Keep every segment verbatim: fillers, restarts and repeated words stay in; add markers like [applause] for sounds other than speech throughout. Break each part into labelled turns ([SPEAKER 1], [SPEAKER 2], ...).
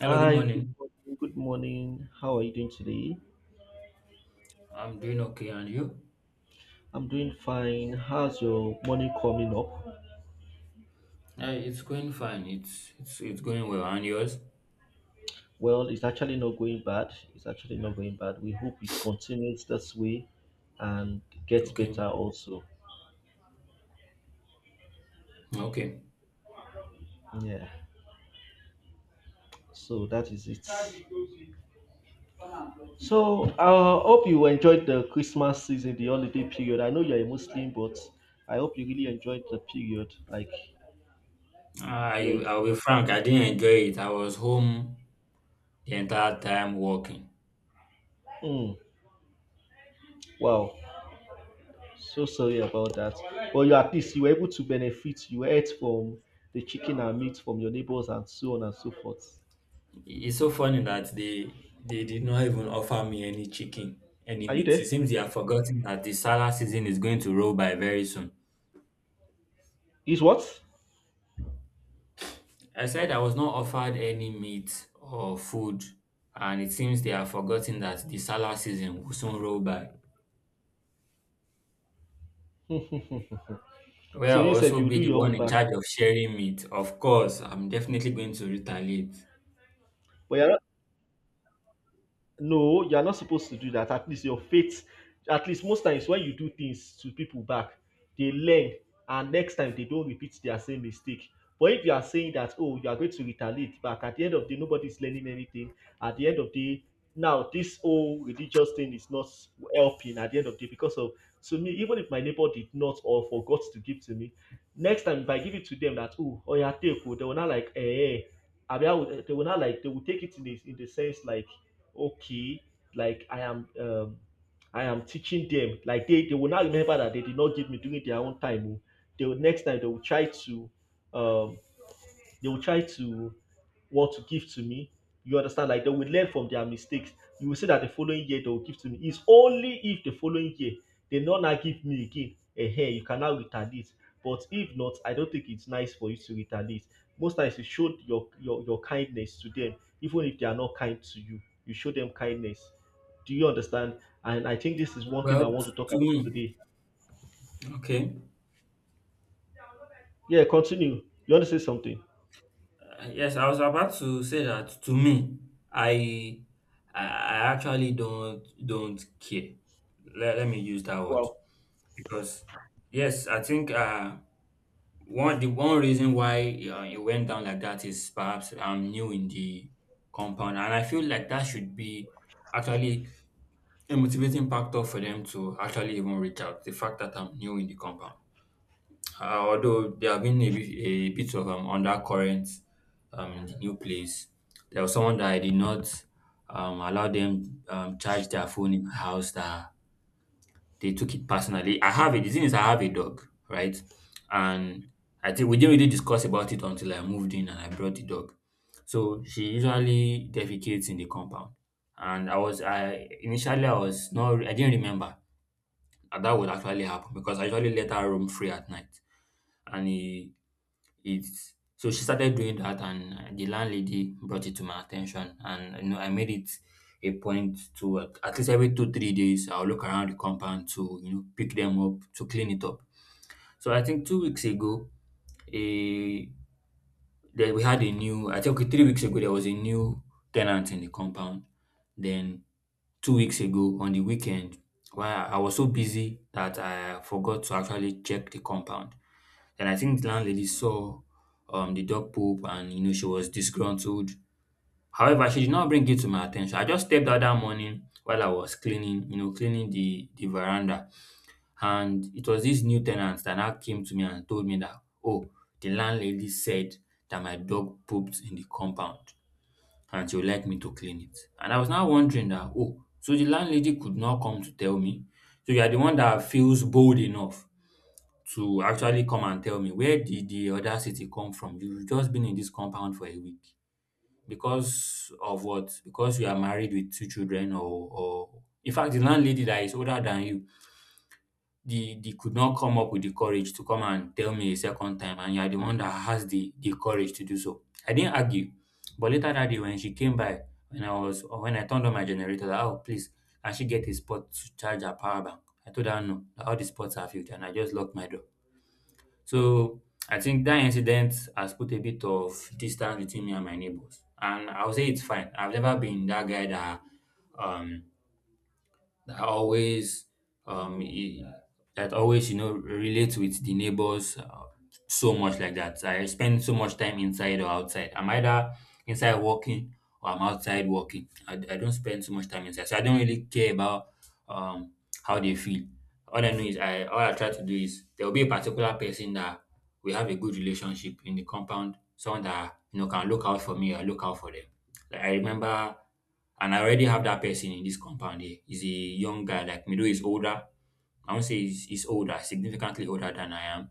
[SPEAKER 1] Hello, good
[SPEAKER 2] Hi, good
[SPEAKER 1] morning.
[SPEAKER 2] morning. Good morning. How are you doing today?
[SPEAKER 1] I'm doing okay, and you?
[SPEAKER 2] I'm doing fine. How's your morning coming up?
[SPEAKER 1] Uh, it's going fine. It's it's it's going well, and yours?
[SPEAKER 2] Well, it's actually not going bad. It's actually not going bad. We hope it continues this way and gets
[SPEAKER 1] Okay,
[SPEAKER 2] better also.
[SPEAKER 1] okay.
[SPEAKER 2] Yeah. So that is it. So I hope you enjoyed the Christmas season, the holiday period. I know you're a Muslim, but I hope you really enjoyed the period. Like
[SPEAKER 1] Ah,
[SPEAKER 2] you,
[SPEAKER 1] I
[SPEAKER 2] en-
[SPEAKER 1] I'll be frank. I didn't enjoy it. I was home the entire time working.
[SPEAKER 2] mm, wow. So sorry about that. But you at least you were able to benefit. You ate from the chicken and meat from your neighbors and so on and so forth.
[SPEAKER 1] It's so funny that they they did not even offer me any chicken, any
[SPEAKER 2] Are you
[SPEAKER 1] meat.
[SPEAKER 2] there?
[SPEAKER 1] It seems they have forgotten that the salad season is going to roll by very soon.
[SPEAKER 2] Is what?
[SPEAKER 1] I said I was not offered any meat or food, and it seems they have forgotten that the salad season will soon roll by.
[SPEAKER 2] So
[SPEAKER 1] Well, I'll
[SPEAKER 2] you said
[SPEAKER 1] also
[SPEAKER 2] you
[SPEAKER 1] be
[SPEAKER 2] do
[SPEAKER 1] the
[SPEAKER 2] your
[SPEAKER 1] one
[SPEAKER 2] own
[SPEAKER 1] in
[SPEAKER 2] back.
[SPEAKER 1] charge of sharing meat. Of course, I'm definitely going to retaliate.
[SPEAKER 2] But you're no, you are not supposed to do that. At least your faith, at least most times when you do things to people back, they learn and next time they don't repeat their same mistake. But if you are saying that, oh, you are going to retaliate back, at the end of the day, nobody's learning anything. At the end of the day, now this whole religious thing is not helping at the end of the day because of, to me, even if my neighbor did not or forgot to give to me, next time if I give it to them that, oh, oh, yeah, take, oh, they will not like, eh, eh, eh. I mean, I would, eh, they will not like, they will take it in the, in the sense like, okay, like i am um i am teaching them. Like they they will now remember that they did not give me during their own time, oh. They will next time they will try to um they will try to what to give to me. You understand? Like they will learn from their mistakes. You will see that the following year they will give to me. It's only if the following year they not now give me again. Eh, Hey, you can now retaliate. But if not, I don't think it's nice for you to retaliate. Most times you show your, your your kindness to them, even if they are not kind to you. You show them kindness. Do you understand? And I think this is one thing I
[SPEAKER 1] Well,
[SPEAKER 2] want to talk
[SPEAKER 1] to
[SPEAKER 2] about
[SPEAKER 1] me,
[SPEAKER 2] today.
[SPEAKER 1] okay.
[SPEAKER 2] Yeah, continue. You want to say something?
[SPEAKER 1] Uh, yes, I was about to say that to me, I I I actually don't don't care. Let, let me use that word
[SPEAKER 2] Wow.
[SPEAKER 1] because yes, I think uh one the one reason why uh, it went down like that is perhaps I'm new in the compound and I feel like that should be actually a motivating factor for them to actually even reach out. The fact that I'm new in the compound, uh, although there have been a bit, a bit of um, undercurrent um, in the new place. There was someone that I did not um, allow them um, charge their phone in my house. That they took it personally. I have it. The thing is, I have a dog, right? And I think we didn't really discuss about it until I moved in and I brought the dog. So she usually defecates in the compound and I was I initially I was not I didn't remember and that would actually happen because I usually let her roam free at night. And it, it's so she started doing that, and uh, the landlady brought it to my attention, and you know I made it a point to uh, at least every two three days I'll look around the compound to, you know, pick them up to clean it up. So I think two weeks ago, a that we had a new, I think, okay, three weeks ago there was a new tenant in the compound. Then two weeks ago on the weekend while I was so busy that I forgot to actually check the compound. And I think the landlady saw um, the dog poop and you know she was disgruntled. However, she did not bring it to my attention. I just stepped out that morning while I was cleaning, you know, cleaning the, the veranda. And it was this new tenant that now came to me and told me that, oh, the landlady said that my dog pooped in the compound and she would like me to clean it. And I was now wondering that, oh, so the landlady could not come to tell me. So you are the one that feels bold enough to actually come and tell me? Where did the audacity come from? You've just been in this compound for a week. Because of what? Because you are married with two children? or or in fact the landlady that is older than you, they they could not come up with the courage to come and tell me a second time, and you're the one that has the the courage to do so? I didn't argue, but later that day when she came by, when i was when I turned on my generator, that, oh, please, can she get a spot to charge her power bank? I told her no, that all the spots are filled, and I just locked my door. So I think that incident has put a bit of distance between me and my neighbors, and I'll say it's fine. I've never been that guy that um that always um e- that always, you know, relates with the neighbors, uh, so much like that. I spend so much time inside or outside. I'm either inside working or I'm outside working. I, I don't spend so much time inside, so I don't really care about um how they feel. All I know is I all I try to do is there will be a particular person that we have a good relationship in the compound, someone that you know can look out for me or look out for them. Like I remember, and I already have that person in this compound here. He's a young guy, like me, though he's older. I won't say he's, he's older, significantly older than I am,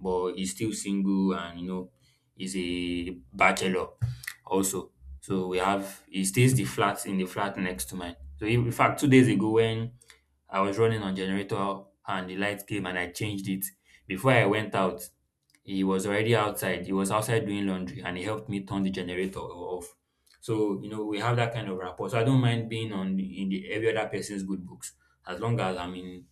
[SPEAKER 1] but he's still single, and you know, he's a bachelor also. So we have he stays the flat in the flat next to mine. So in in fact, two days ago when I was running on generator and the light came and I changed it. Before I went out, he was already outside. He was outside doing laundry and he helped me turn the generator off. So, you know, we have that kind of rapport. So I don't mind being on in the every other person's good books. As long as I'm in,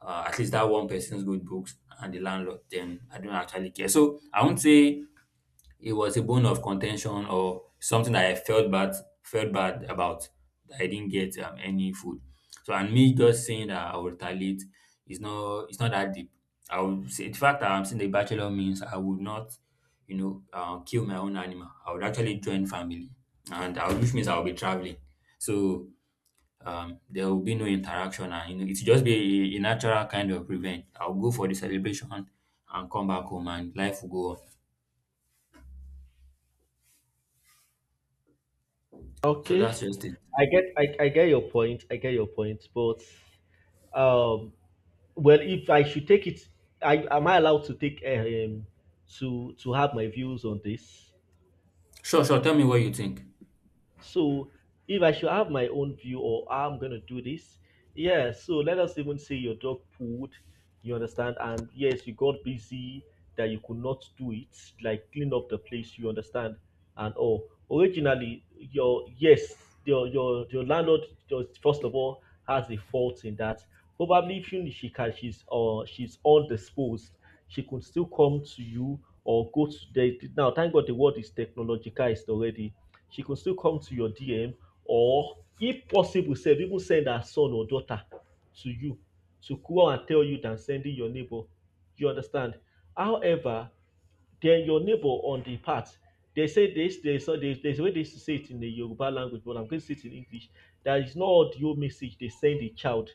[SPEAKER 1] uh, at least that one person's good books and the landlord, then I don't actually care. So I won't say it was a bone of contention or something that I felt bad felt bad about, that I didn't get um, any food. So and me just saying that I will retaliate is not it's not that deep. I would say the fact that I'm seeing the bachelor means I would not, you know, uh, kill my own animal. I would actually join family, and I would, which means I will be traveling. So um, there will be no interaction, and you know, it's just be a, a natural kind of revenge. I'll go for the celebration and come back home, and life will go on. So
[SPEAKER 2] Okay.
[SPEAKER 1] that's just it.
[SPEAKER 2] I get I, I get your point. I get your point, but, Um, well, if I should take it, I, am I allowed to take um, to to have my views on this?
[SPEAKER 1] Sure, sure. Tell me what you think.
[SPEAKER 2] So if I should have my own view or how I'm gonna do this, yeah, so let us even say your dog pooed, you understand, and yes, you got busy that you could not do it, like clean up the place, you understand, and all. Originally, your yes, your your your landlord, just first of all, has a fault in that. Probably if you, she can she's or she's undisposed, she could still come to you or go to the, now thank God the world is technologicized already, she go still come to your D M, or if possible sef, even send her son or daughter to you, to go and tell you, than sending your neighbor. You understand? However, then your neighbor on the part, they say this, they, so there's, there's a way they used to say it in the Yoruba language, but I'm going to say it in English. That is not audio message they send the child,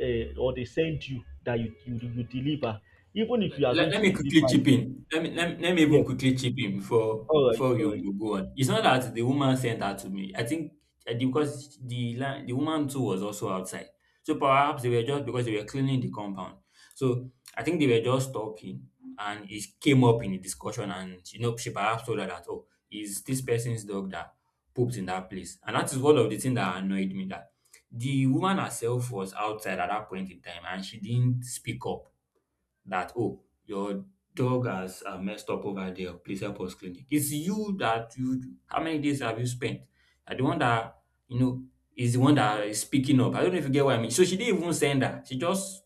[SPEAKER 2] uh, or they send you that you, you you deliver. Even if you are going
[SPEAKER 1] let, let
[SPEAKER 2] to
[SPEAKER 1] me quickly
[SPEAKER 2] deliver,
[SPEAKER 1] chip in. Let me let, me- let me
[SPEAKER 2] yeah,
[SPEAKER 1] even quickly chip in before
[SPEAKER 2] all right,
[SPEAKER 1] before
[SPEAKER 2] all
[SPEAKER 1] you,
[SPEAKER 2] right.
[SPEAKER 1] you go on. It's not that the woman sent her to me. I think uh, the- because the la- the woman too was also outside. So perhaps they were just because they were cleaning the compound. So I think they were just talking and it came up in the discussion, and you know she perhaps told her that, oh, is this person's dog that pooped in that place. And that is one of the things that annoyed me, that the woman herself was outside at that point in time and she didn't speak up that, oh, your dog has uh, messed up over there. Please help us clean it. It's you that you, how many days have you spent? And the one that, you know, is the one that is speaking up. I don't know if you get what I mean. So she didn't even send her. She just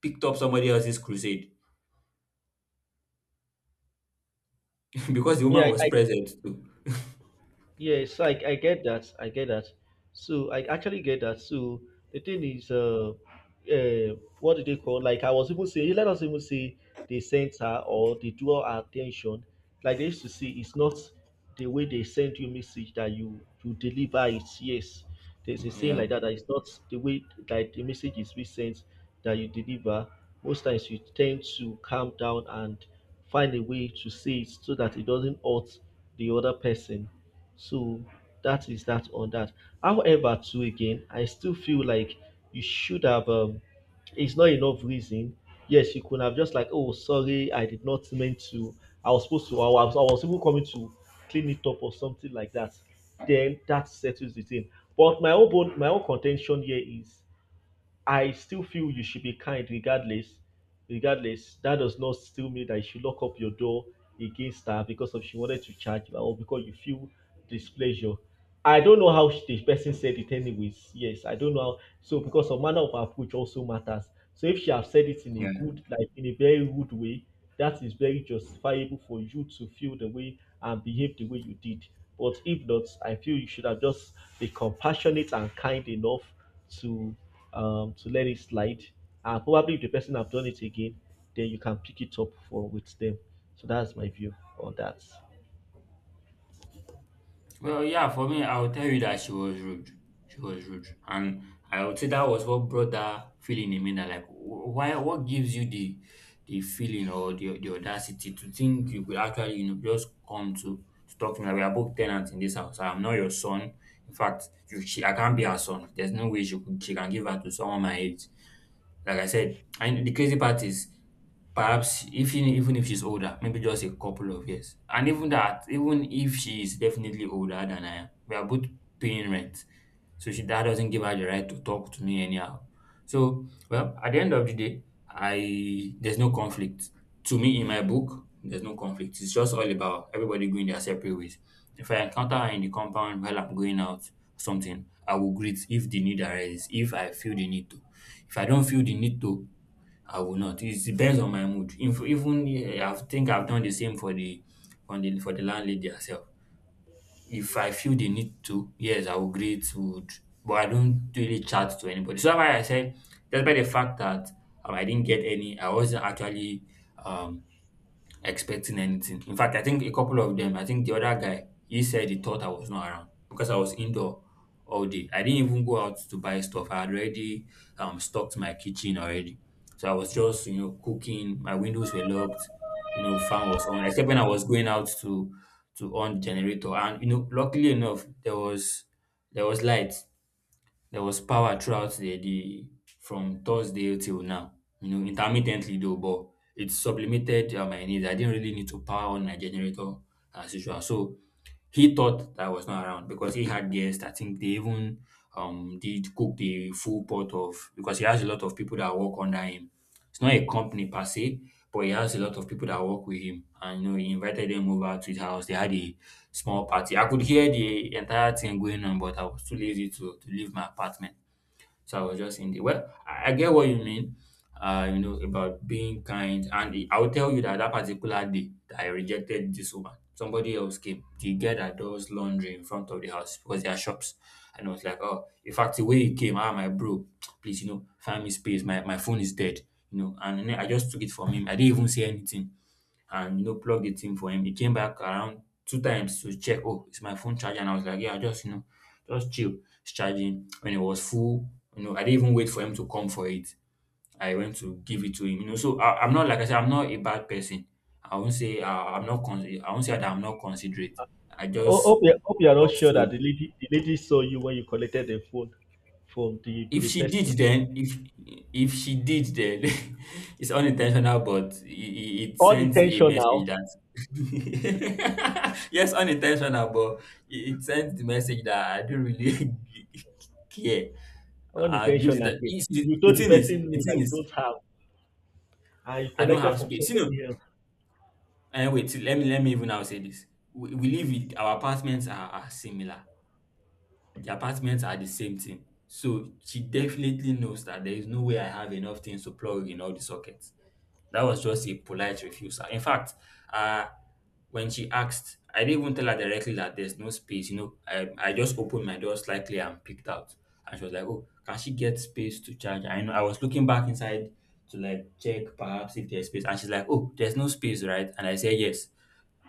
[SPEAKER 1] picked up somebody else's crusade [laughs] because the woman
[SPEAKER 2] Yeah,
[SPEAKER 1] was
[SPEAKER 2] I,
[SPEAKER 1] present too.
[SPEAKER 2] Yeah, so I, I get that. I get that. So I actually get that. So the thing is, uh, uh, what do they call? Like I was even saying, let us even say they sent her or they draw our attention. Like they used to say, it's not the way they send you message that you you deliver it. Yes, there's a saying
[SPEAKER 1] Yeah.
[SPEAKER 2] like that. That it's not the way, like the message is being sent, that you deliver. Most times you tend to calm down and find a way to say it so that it doesn't hurt the other person. So that is that on that. However, too, again, I still feel like you should have. Um, it's not enough reason. Yes, you could have just like, oh, sorry, I did not mean to. I was supposed to. I was, I was even coming to clean it up or something like that. Then that settles the thing. But my own bone, my own contention here is, I still feel you should be kind regardless. Regardless, that does not still mean that you should lock up your door against her because of she wanted to charge you or because you feel displeasure. I don't know how she- the person said it anyways. Yes, I don't know how, so because of manner of approach also matters. So if she have said it in a good like in a very rude way, that is very justifiable for you to feel the way and behave the way you did. But if not, I feel you should have just be compassionate and kind enough to um, to let it slide. And probably if the person have done it again, then you can pick it up for with them. So that's my view on that.
[SPEAKER 1] Well, yeah, for me, I would tell you that she was rude. She was rude. And I would say that was what brought that feeling in me that, like, wh- why, what gives you the the feeling or the, the audacity to think you could actually, you know, just come to, to talk to me? Like, we are both tenants in this house. I'm not your son. In fact, you, she, I can't be her son. There's no way she, could, she can give her to someone my age. Like I said, and the crazy part is perhaps if you- even if she's older, maybe just a couple of years. And even that, even if she is definitely older than I am, we are both paying rent. So she that doesn't give her the right to talk to me anyhow. So well, at the end of the day, I there's no conflict. To me, in my book, there's no conflict. It's just all about everybody going their separate ways. If I encounter her in the compound while I'm going out something, I will greet if the need arises, if I feel the need to. If I don't feel the need to, I will not. It depends on my mood. If, even eh, I think I've done the same for the for the for the landlady herself. If I feel the need to, yes, I will greet would, but I don't really chat to anybody. So that's why I said, despite the fact that um, I didn't get any, I wasn't actually um expecting anything. In fact, I think a couple of them, I think the other guy, he said he thought I was not around because I was indoor all day. I didn't even go out to buy stuff. I had already um stocked my kitchen already. So I was just, you know, cooking. My windows were locked, you know, fan was on, except when I was going out to to on the generator. And you know, luckily enough, there was there was light. There was power throughout the, the from Thursday till now. You know, intermittently though, but it sublimated uh, my needs. I didn't really need to power on my generator as usual. So he thought that I was not around because he had guests. I think they even um did cook the full pot of because he has a lot of people that work under him. It's not a company per se, but he has a lot of people that work with him. And you know, he invited them over to his house. They had a small party. I could hear the entire thing going on, but I was too lazy to to leave my apartment. So I was just in the. Well, I I get what you mean, uh, you know, about being kind. And I will tell you that that particular day that I rejected this woman, somebody else came. The girl that does laundry in front of the house because there are shops. And I was like, oh, in fact, the way he came, ah, my bro, please, you know, find me space. My, my phone is dead, you know. And then I just took it from him. I didn't even say anything and you know plugged it in for him. He came back around two times to check, oh, it's my phone charger. And I was like, yeah, just you know, just chill. It's charging. When it was full, you know, I didn't even wait for him to come for it. I went to give it to him. You know, so I, I'm not like I said, I'm not a bad person. I won't say uh, I'm not. Con- I won't say that I'm not considerate. I
[SPEAKER 2] Oh,
[SPEAKER 1] just
[SPEAKER 2] hope you hope you are not
[SPEAKER 1] love
[SPEAKER 2] sure that
[SPEAKER 1] to.
[SPEAKER 2] the lady the lady saw you when you collected the phone from the,
[SPEAKER 1] If
[SPEAKER 2] the
[SPEAKER 1] she
[SPEAKER 2] person.
[SPEAKER 1] did, then if if she did, then [laughs] it's unintentional, but it, it it sends a message
[SPEAKER 2] Unintentional,
[SPEAKER 1] that [laughs] yes, unintentional, but it, it sends the message that I don't really [laughs] care. Uh, gives it
[SPEAKER 2] unintentional.
[SPEAKER 1] that
[SPEAKER 2] Okay.
[SPEAKER 1] it's- the
[SPEAKER 2] You
[SPEAKER 1] the
[SPEAKER 2] told the
[SPEAKER 1] thing is,
[SPEAKER 2] person no
[SPEAKER 1] the thing
[SPEAKER 2] that you
[SPEAKER 1] is,
[SPEAKER 2] don't have, and you
[SPEAKER 1] I don't
[SPEAKER 2] collected
[SPEAKER 1] have
[SPEAKER 2] from
[SPEAKER 1] space. You know,
[SPEAKER 2] somebody else.
[SPEAKER 1] and wait, let me let me even now say this. We, we live in our apartments are, are similar. The apartments are the same thing. So she definitely knows that there is no way I have enough things to plug in all the sockets. That was just a polite refusal. In fact, uh, when she asked, I didn't even tell her directly that there's no space. You know, I, I just opened my door slightly and picked out. And she was like, oh, can she get space to charge? I know I was looking back inside to like check perhaps if there's space. And she's like, oh, there's no space, right? And I said yes.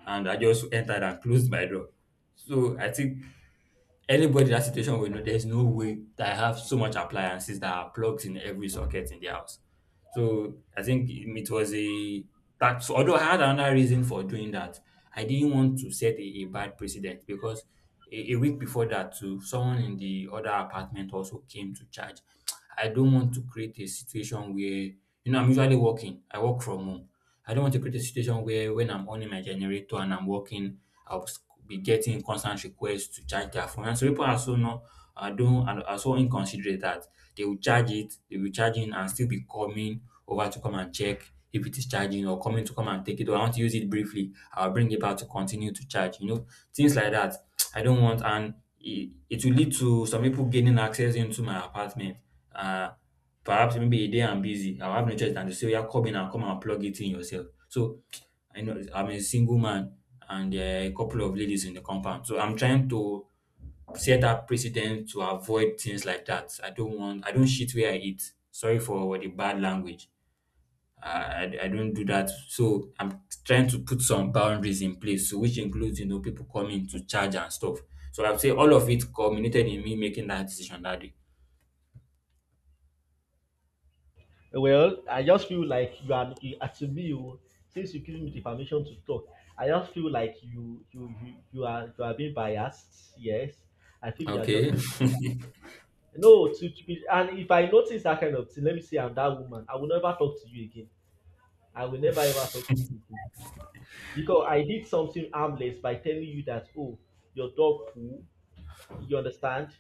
[SPEAKER 1] And I just entered and closed my door. So I think anybody in that situation will know there's no way that I have so much appliances that are plugged in every socket in the house. So I think um, it was a that so, although I had another reason for doing that, I didn't want to set a, a bad precedent because a, a week before that too, someone in the other apartment also came to charge. I don't want to create a situation where, you know, I'm usually working. I work from home. I don't want to create a situation where when I'm on my generator and I'm working, I'll s- be getting constant requests to charge their phone. And so people are so not are don't are are so inconsiderate that they will charge it, they will charge in and still be coming over to come and check if it is charging or coming to come and take it or I want to use it briefly. I'll bring it back to continue to charge. You know, things like that. I don't want, and it, it will lead to some people gaining access into my apartment. Uh, perhaps maybe a day I'm busy. I'll have no choice than to say, yeah, come in and come and plug it in yourself. So I know I'm a single man and there are a couple of ladies in the compound. So I'm trying to set up precedent to avoid things like that. I don't want. I don't shit where I eat. Sorry for the bad language. I, I I don't do that. So I'm trying to put some boundaries in place, so which includes, you know, people coming to charge and stuff. So I'd say all of it culminated in me making that decision that day.
[SPEAKER 2] Well, I just feel like you are you, uh, to me, oh, since you giving me the permission to talk, I just feel like you you you, you are you are being biased. Yes, I feel you are just
[SPEAKER 1] Okay.
[SPEAKER 2] being biased.
[SPEAKER 1] [laughs]
[SPEAKER 2] No, to, to be, and if I notice that kind of thing, let me say I'm that woman. I will never talk to you again. I will never ever talk to you again, because I did something harmless by telling you that, oh, your dog poo, you understand,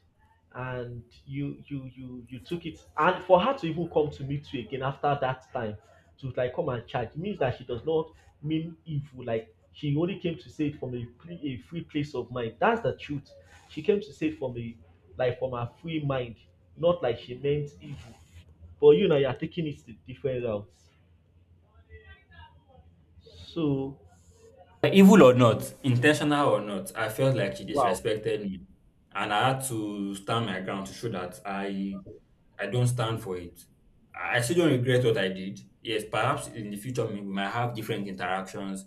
[SPEAKER 2] and you you you you took it, and for her to even come to meet you again after that time, to like come and charge, means that she does not mean evil. Like, she only came to say it from a free, a free place of mind, that's the truth. She came to say it from a, like from her free mind, not like she meant evil. But you know, you're taking it to different routes, so.
[SPEAKER 1] evil or not, intentional or not, I felt like she
[SPEAKER 2] Wow.
[SPEAKER 1] disrespected me, and I had to stand my ground to show that I I don't stand for it. I I still don't regret what I did. Yes, perhaps in the future we might have different interactions,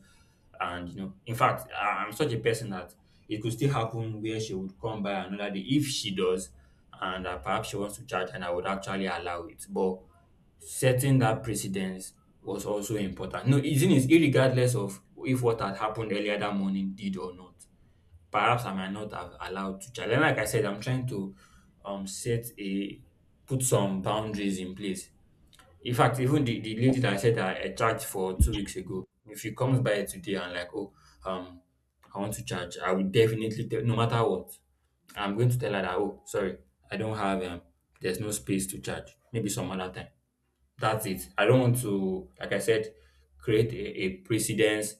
[SPEAKER 1] and you know, in fact, I- I'm such a person that it could still happen where she would come by another day if she does, and uh, perhaps she wants to charge, and I would actually allow it. But setting that precedence was also important. No, isn't it? Irregardless of if what had happened earlier that morning did or not, perhaps I might not have allowed to challenge. Like I said, I'm trying to um set a put some boundaries in place. In fact, even the, the lady that I said I, I charged for two weeks ago, if she comes by today and like, oh, um, I want to charge, I will definitely tell, no matter what, I'm going to tell her that, oh, sorry, I don't have um, there's no space to charge. Maybe some other time. That's it. I don't want to, like I said, create a, a precedence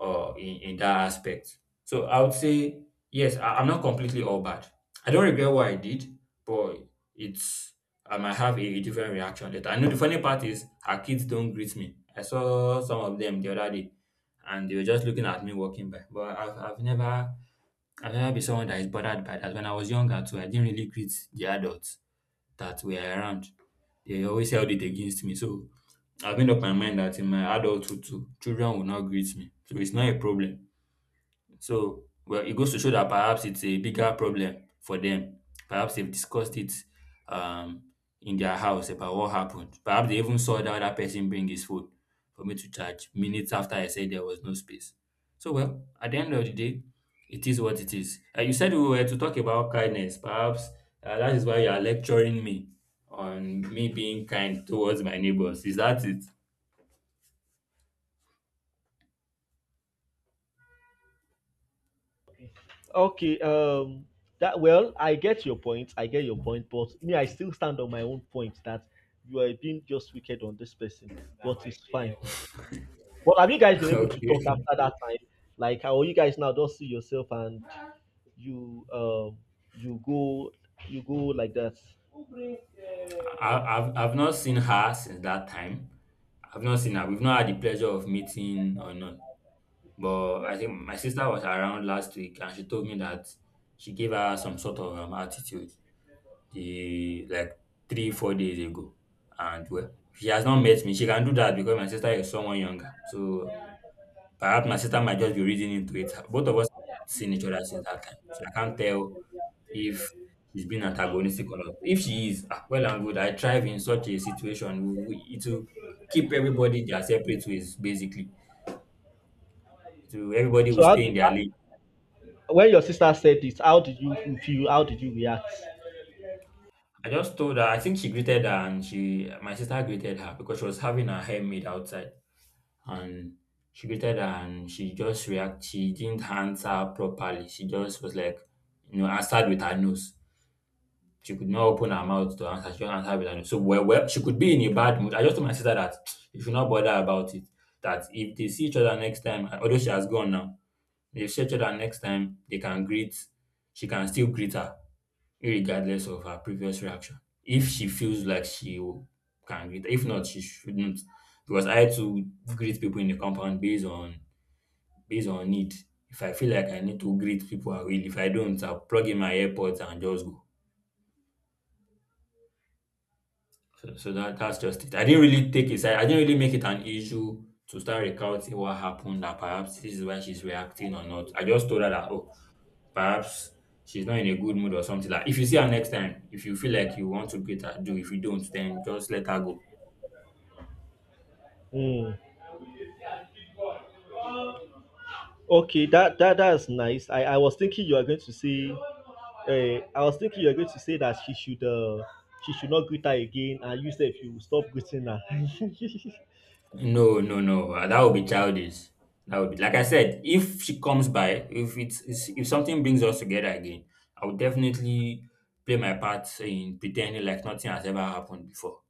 [SPEAKER 1] uh, in, in that aspect. So I would say, yes, I, I'm not completely all bad. I don't regret what I did, but it's I might have a, a different reaction later. I know the funny part is our kids don't greet me. I saw some of them the other day and they were just looking at me walking by. But I've, I've never I've never been someone that is bothered by that. When I was younger too, I didn't really greet the adults that were around, they always held it against me. So I've made up my mind that in my adulthood too, children will not greet me. So it's not a problem. So, well, it goes to show that perhaps it's a bigger problem for them. Perhaps they've discussed it um, in their house about what happened. Perhaps they even saw the other person bring his food for me to charge minutes after I said there was no space. So, well, at the end of the day, it is what it is. Uh, you said we were to talk about kindness. Perhaps uh, that is why you are lecturing me on me being kind towards my neighbors. Is that it?
[SPEAKER 2] Okay, um that, well, I get your point. I get your point, but me, I still stand on my own point that you are being just wicked on this person, but it's fine. But have you guys been
[SPEAKER 1] [laughs]
[SPEAKER 2] able to talk
[SPEAKER 1] okay.
[SPEAKER 2] after that time? Like how you guys now just see yourself and you um you go you go like that.
[SPEAKER 1] I, I've I've not seen her since that time. I've not seen her. We've not had the pleasure of meeting or not. But I think my sister was around last week and she told me that she gave her some sort of um, attitude the like three, four days ago. And well, she has not met me. She can do that because my sister is someone younger. So perhaps my sister might just be reading into it. Both of us have not seen each other since that time. So I can't tell if she's being antagonistic or not. If she is, ah, well and good. I thrive in such a situation. We- It will keep everybody their separate ways, basically. So everybody will
[SPEAKER 2] So how
[SPEAKER 1] stay in
[SPEAKER 2] did,
[SPEAKER 1] their lane.
[SPEAKER 2] when your sister said this, how did you feel? How did you react?
[SPEAKER 1] I just told her. I think she greeted her, and she, my sister greeted her because she was having her hair made outside, and she greeted her, and she just react. She didn't answer properly. She just was like, you know, answered with her nose. She could not open her mouth to answer. She don't answer with an so well, well, she could be in a bad mood. I just told my sister that you should not bother about it. That if they see each other next time, although she has gone now, if they see each other next time, they can greet, she can still greet her, regardless of her previous reaction. If she feels like she w- can greet, if not, she shouldn't. Because I too greet people in the compound based on based on need. If I feel like I need to greet people, I will. If I don't, I'll plug in my AirPods and just go. So, so that that's just it. I didn't really take it. I, I didn't really make it an issue to start recounting what happened that perhaps this is why she's reacting or not. I just told her that oh, perhaps she's not in a good mood or something like. If you see her next time, if you feel like you want to greet her, do. If you don't, then just let her go.
[SPEAKER 2] Mm. Okay, that that that's nice. I I was thinking you are going to say, uh, I was thinking you are going to say that she should uh she should not greet her again, and you said you will stop greeting her. [laughs]
[SPEAKER 1] No, no, no. uh, That would be childish. That would be like I said. If she comes by, if it's, it's if something brings us together again, I would definitely play my part in pretending like nothing has ever happened before.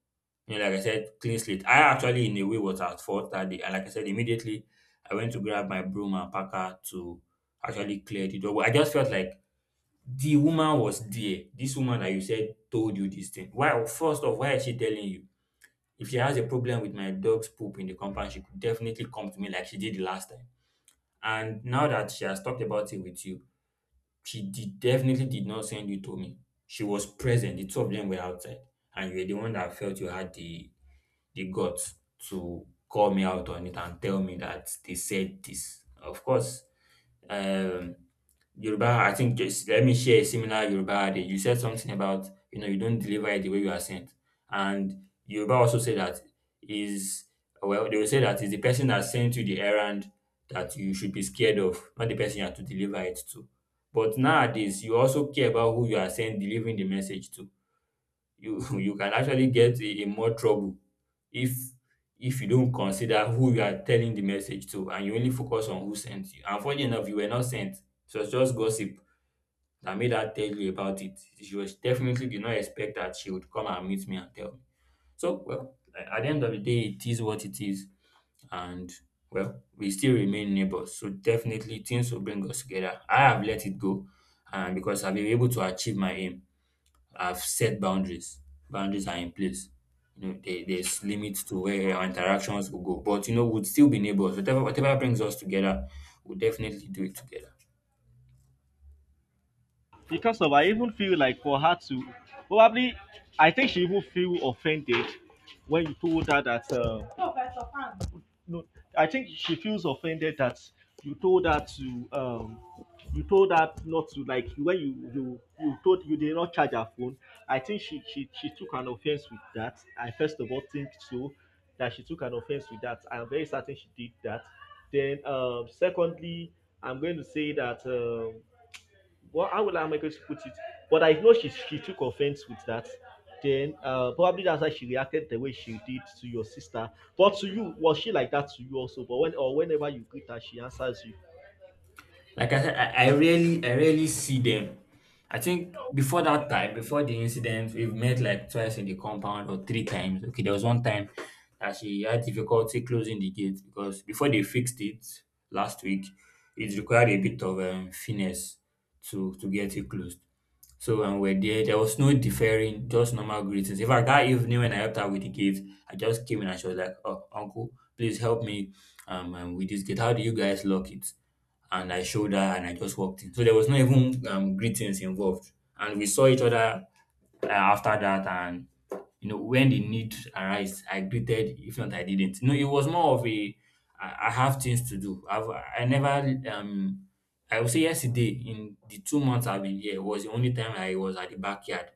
[SPEAKER 1] You know, like I said, clean slate. I actually, in a way, was at fault that day. And like I said, immediately I went to grab my broom and packer to actually clear the door. But I just felt like the woman was there. This woman that you said told you this thing. Why, first off, why is she telling you? If she has a problem with my dog's poop in the compound, she could definitely come to me like she did the last time. And now that she has talked about it with you, she did definitely did not send you to me. She was present. The two of them were outside, and you were the one that felt you had the the guts to call me out on it and tell me that they said this. Of course, um, Yoruba, I think just let me share a similar Yoruba adage. You said something about you know you don't deliver it the way you are sent, and Yoruba also said that is well they will say that is the person that sent you the errand that you should be scared of, not the person you have to deliver it to. But nowadays, you also care about who you are sending delivering the message to. You [laughs] you can actually get in more trouble if if you don't consider who you are telling the message to and you only focus on who sent you. And funny enough, you were not sent. It was just gossip that made her tell you about it. She was definitely did not expect that she would come and meet me and tell me. So well, a- at the end of the day, it is what it is and well, we still remain neighbors. So definitely things will bring us together. I have let it go and because I've been able to achieve my aim. I've set boundaries. Boundaries are in place. You know, there, there's limits to where our interactions will go. But you know, we would still be neighbors. Whatever whatever brings us together, we'll definitely do it together.
[SPEAKER 2] Because of, I even feel like for her to, probably, I think she even feel offended when you told her that, uh, no, I think she feels offended that you told her to, um you told her not to, like when you you you told you did not charge her phone. I think she she she took an offense with that. I first of all think so, that she took an offense with that. I'm very certain she did that. Then, um secondly, I'm going to say that, um well, how will I make her put it? But I know she she took offense with that. Then, uh, probably that's why she reacted the way she did to your sister. But to you, was she like that to you also? But when or whenever you greet her, she answers you.
[SPEAKER 1] Like I said, I, I really I really see them. I think before that time, before the incident, we've met like twice in the compound or three times. Okay, there was one time that she had difficulty closing the gate because before they fixed it last week, it required a bit of um, finesse to to get it closed. So when we we're there, there was no deferring, just normal greetings. In fact, that evening when I helped her with the gift, I just came in and she was like, "Oh, uncle, please help me um, um with this gift. How do you guys lock it?" And I showed her, and I just walked in. So there was no even um, greetings involved, and we saw each other uh, after that. And you know, when the need arise, I greeted. If not, I didn't. No, it was more of a I, I have things to do. I've I never um I would say yesterday in the two months I've been here was the only time I was at the backyard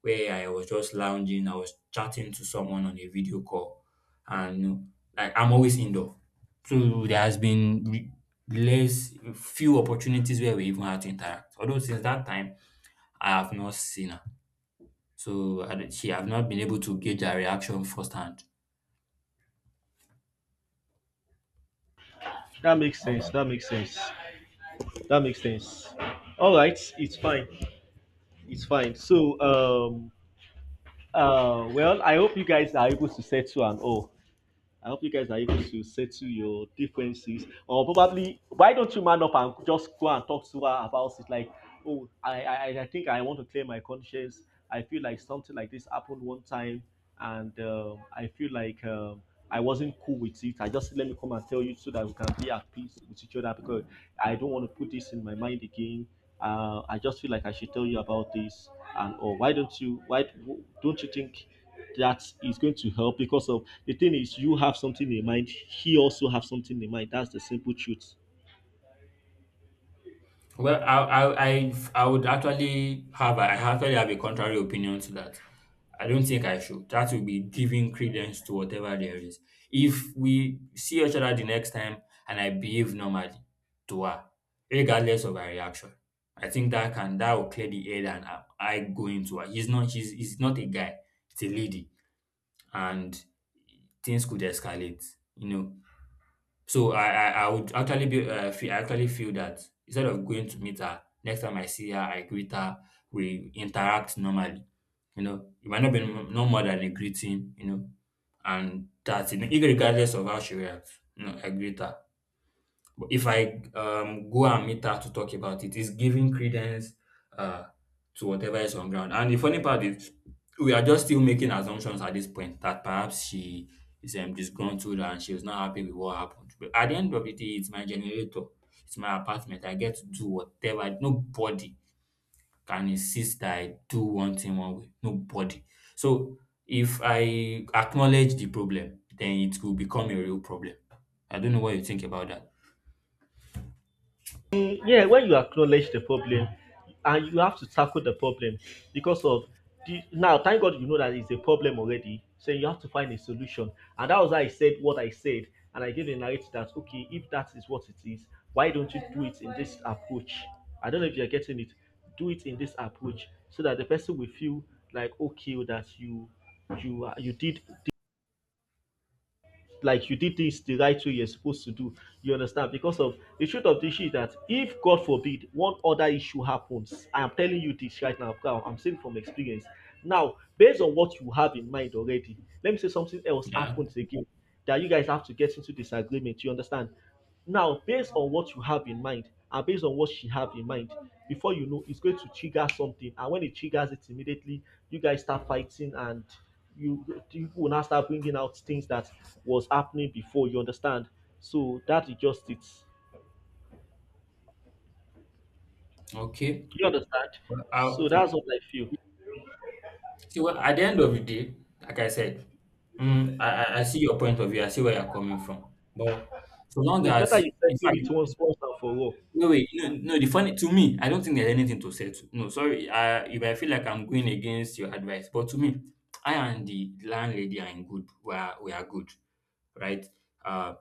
[SPEAKER 1] where I was just lounging, I was chatting to someone on a video call and you know, like I'm always indoor. So there has been re- less few opportunities where we even had to interact. Although since that time I have not seen her. So I, don't- she have not been able to gauge her reaction firsthand.
[SPEAKER 2] That makes sense. That makes sense. That makes sense. All right, it's fine. It's fine. So, um uh well, I hope you guys are able to settle and all. I hope you guys are able to settle your differences. Or probably, why don't you man up and just go and talk to her about it? Like, oh, I, I, I think I want to clear my conscience. I feel like something like this happened one time, and, um, I feel like, um, I wasn't cool with it. I just, let me come and tell you so that we can be at peace with each other, because I don't want to put this in my mind again. Uh, I just feel like I should tell you about this, and or why don't you? Why don't you think that is going to help? Because of, the thing is, you have something in mind, he also have something in mind. That's the simple truth.
[SPEAKER 1] Well, I I I I would actually have I actually have a contrary opinion to that. I don't think I should. That would be giving credence to whatever there is. If we see each other the next time and I behave normally to her, regardless of her reaction, I think that can that will clear the air and I, I go into her. He's not he's, he's not a guy, it's a lady, and things could escalate. You know, so I I, I would actually be uh, feel, I actually feel that instead of going to meet her, next time I see her, I greet her, we interact normally. You know, it might not be m- no more than a greeting. You know, and that's it. Irregardless of how she reacts, you know, I greet her. But if I um, go and meet her to talk about it, it's giving credence uh, to whatever is on ground. And the funny part is, we are just still making assumptions at this point that perhaps she is um, disgruntled and she was not happy with what happened. But at the end of the day, it's my generator, it's my apartment. I get to do whatever. Nobody can insist that I do one thing one way. Nobody. So if I acknowledge the problem, then it will become a real problem. I don't know what you think about that.
[SPEAKER 2] Mm, yeah, when you acknowledge the problem, and you have to tackle the problem, because of, the now, thank God, you know that it's a problem already. So you have to find a solution. And that was why I said what I said. And I gave a narrative that, okay, if that is what it is, why don't you do it in this approach? I don't know if you're getting it. Do it in this approach so that the person will feel like, okay, that you you are- you did, like you did this the right way you're supposed to do. You understand? Because of, the truth of the issue is that, if God forbid one other issue happens, I'm telling you this right now, okay, I'm saying from experience. Now, based on what you have in mind already, let me say something else
[SPEAKER 1] Yeah.
[SPEAKER 2] happens again that you guys have to get into disagreement. You understand? Now, based on what you have in mind and based on what she have in mind, before you know, it's going to trigger something. And when it triggers it immediately, you guys start fighting, and you you will now start bringing out things that was happening before. You understand? So that is just it.
[SPEAKER 1] Okay.
[SPEAKER 2] You understand?
[SPEAKER 1] Well, I
[SPEAKER 2] So that's what I feel.
[SPEAKER 1] see, well, at the end of the day, like I said, mm, I, I I see your point of view. I see where you're coming from. But so long
[SPEAKER 2] So it's better
[SPEAKER 1] as,
[SPEAKER 2] you
[SPEAKER 1] in
[SPEAKER 2] settle
[SPEAKER 1] fact,
[SPEAKER 2] it once once and for all.
[SPEAKER 1] wait, wait, no, no, the funny to me, I don't think there's anything to settle. No, sorry, I, you might feel like I'm going against your advice, but to me, I and the landlady are in good. We are, we are good. Right? Uh,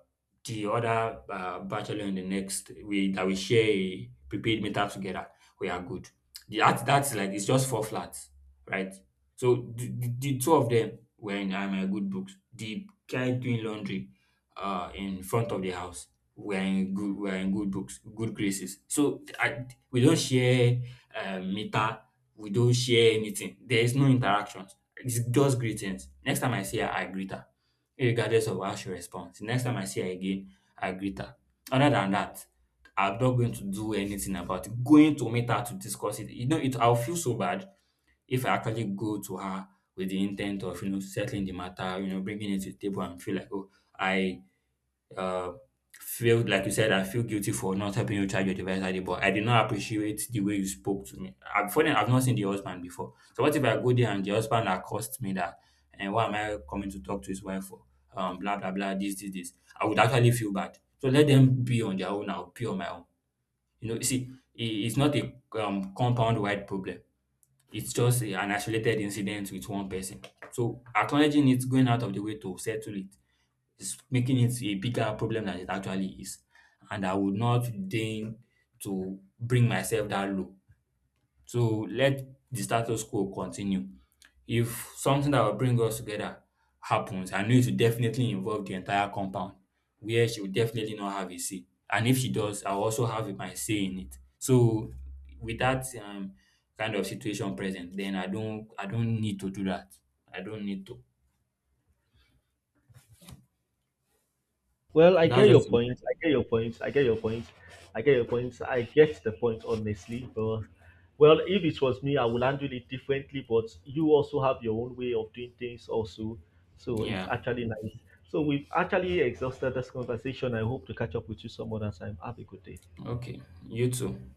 [SPEAKER 1] the other uh, bachelor in the next we that we share a prepaid meter together, we are good. The, that that's like it's just four flats, right? So the, the, the two of them were in uh, my good books. The guy doing laundry uh in front of the house were in good were in good books, good graces. So I, we don't share uh, meter, we don't share anything. There is no interactions. It's just greetings. Next time I see her, I greet her irregardless of how she responds. The next time I see her again, I greet her. Other than that, I'm not going to do anything about it. Going to meet her to discuss it, you know, it I'll feel so bad if I actually go to her with the intent of, you know, settling the matter, you know, bringing it to the table and feel like, oh, I uh, feel like you said, I feel guilty for not helping you charge your device that day, but I did not appreciate the way you spoke to me. I'm funny, I've not seen the husband before. So what if I go there and the husband accosts me that and why am I coming to talk to his wife for? Um blah blah blah this this this. I would actually feel bad. So let them be on their own, I'll be on my own. You know, you see, i- it's not a um, compound wide problem. It's just a- an isolated incident with one person. So acknowledging it, going out of the way to settle it is making it a bigger problem than it actually is. And I would not deign to bring myself that low. So let the status quo continue. If something that will bring us together happens, I know it will definitely involve the entire compound where she will definitely not have a say. And if she does, I'll also have my say in it. So with that um, kind of situation present, then I don't I don't need to do that. I don't need to.
[SPEAKER 2] Well,
[SPEAKER 1] So
[SPEAKER 2] I
[SPEAKER 1] that's
[SPEAKER 2] get your
[SPEAKER 1] just
[SPEAKER 2] point. I get your point. I get your point. I get your point. I get the point, honestly. But, well, if it was me, I would handle it differently. But you also have your own way of doing things, also. So it's
[SPEAKER 1] yeah.
[SPEAKER 2] actually nice. So we've actually exhausted this conversation. I hope to catch up with you some other time. Have a good day.
[SPEAKER 1] Okay. You too.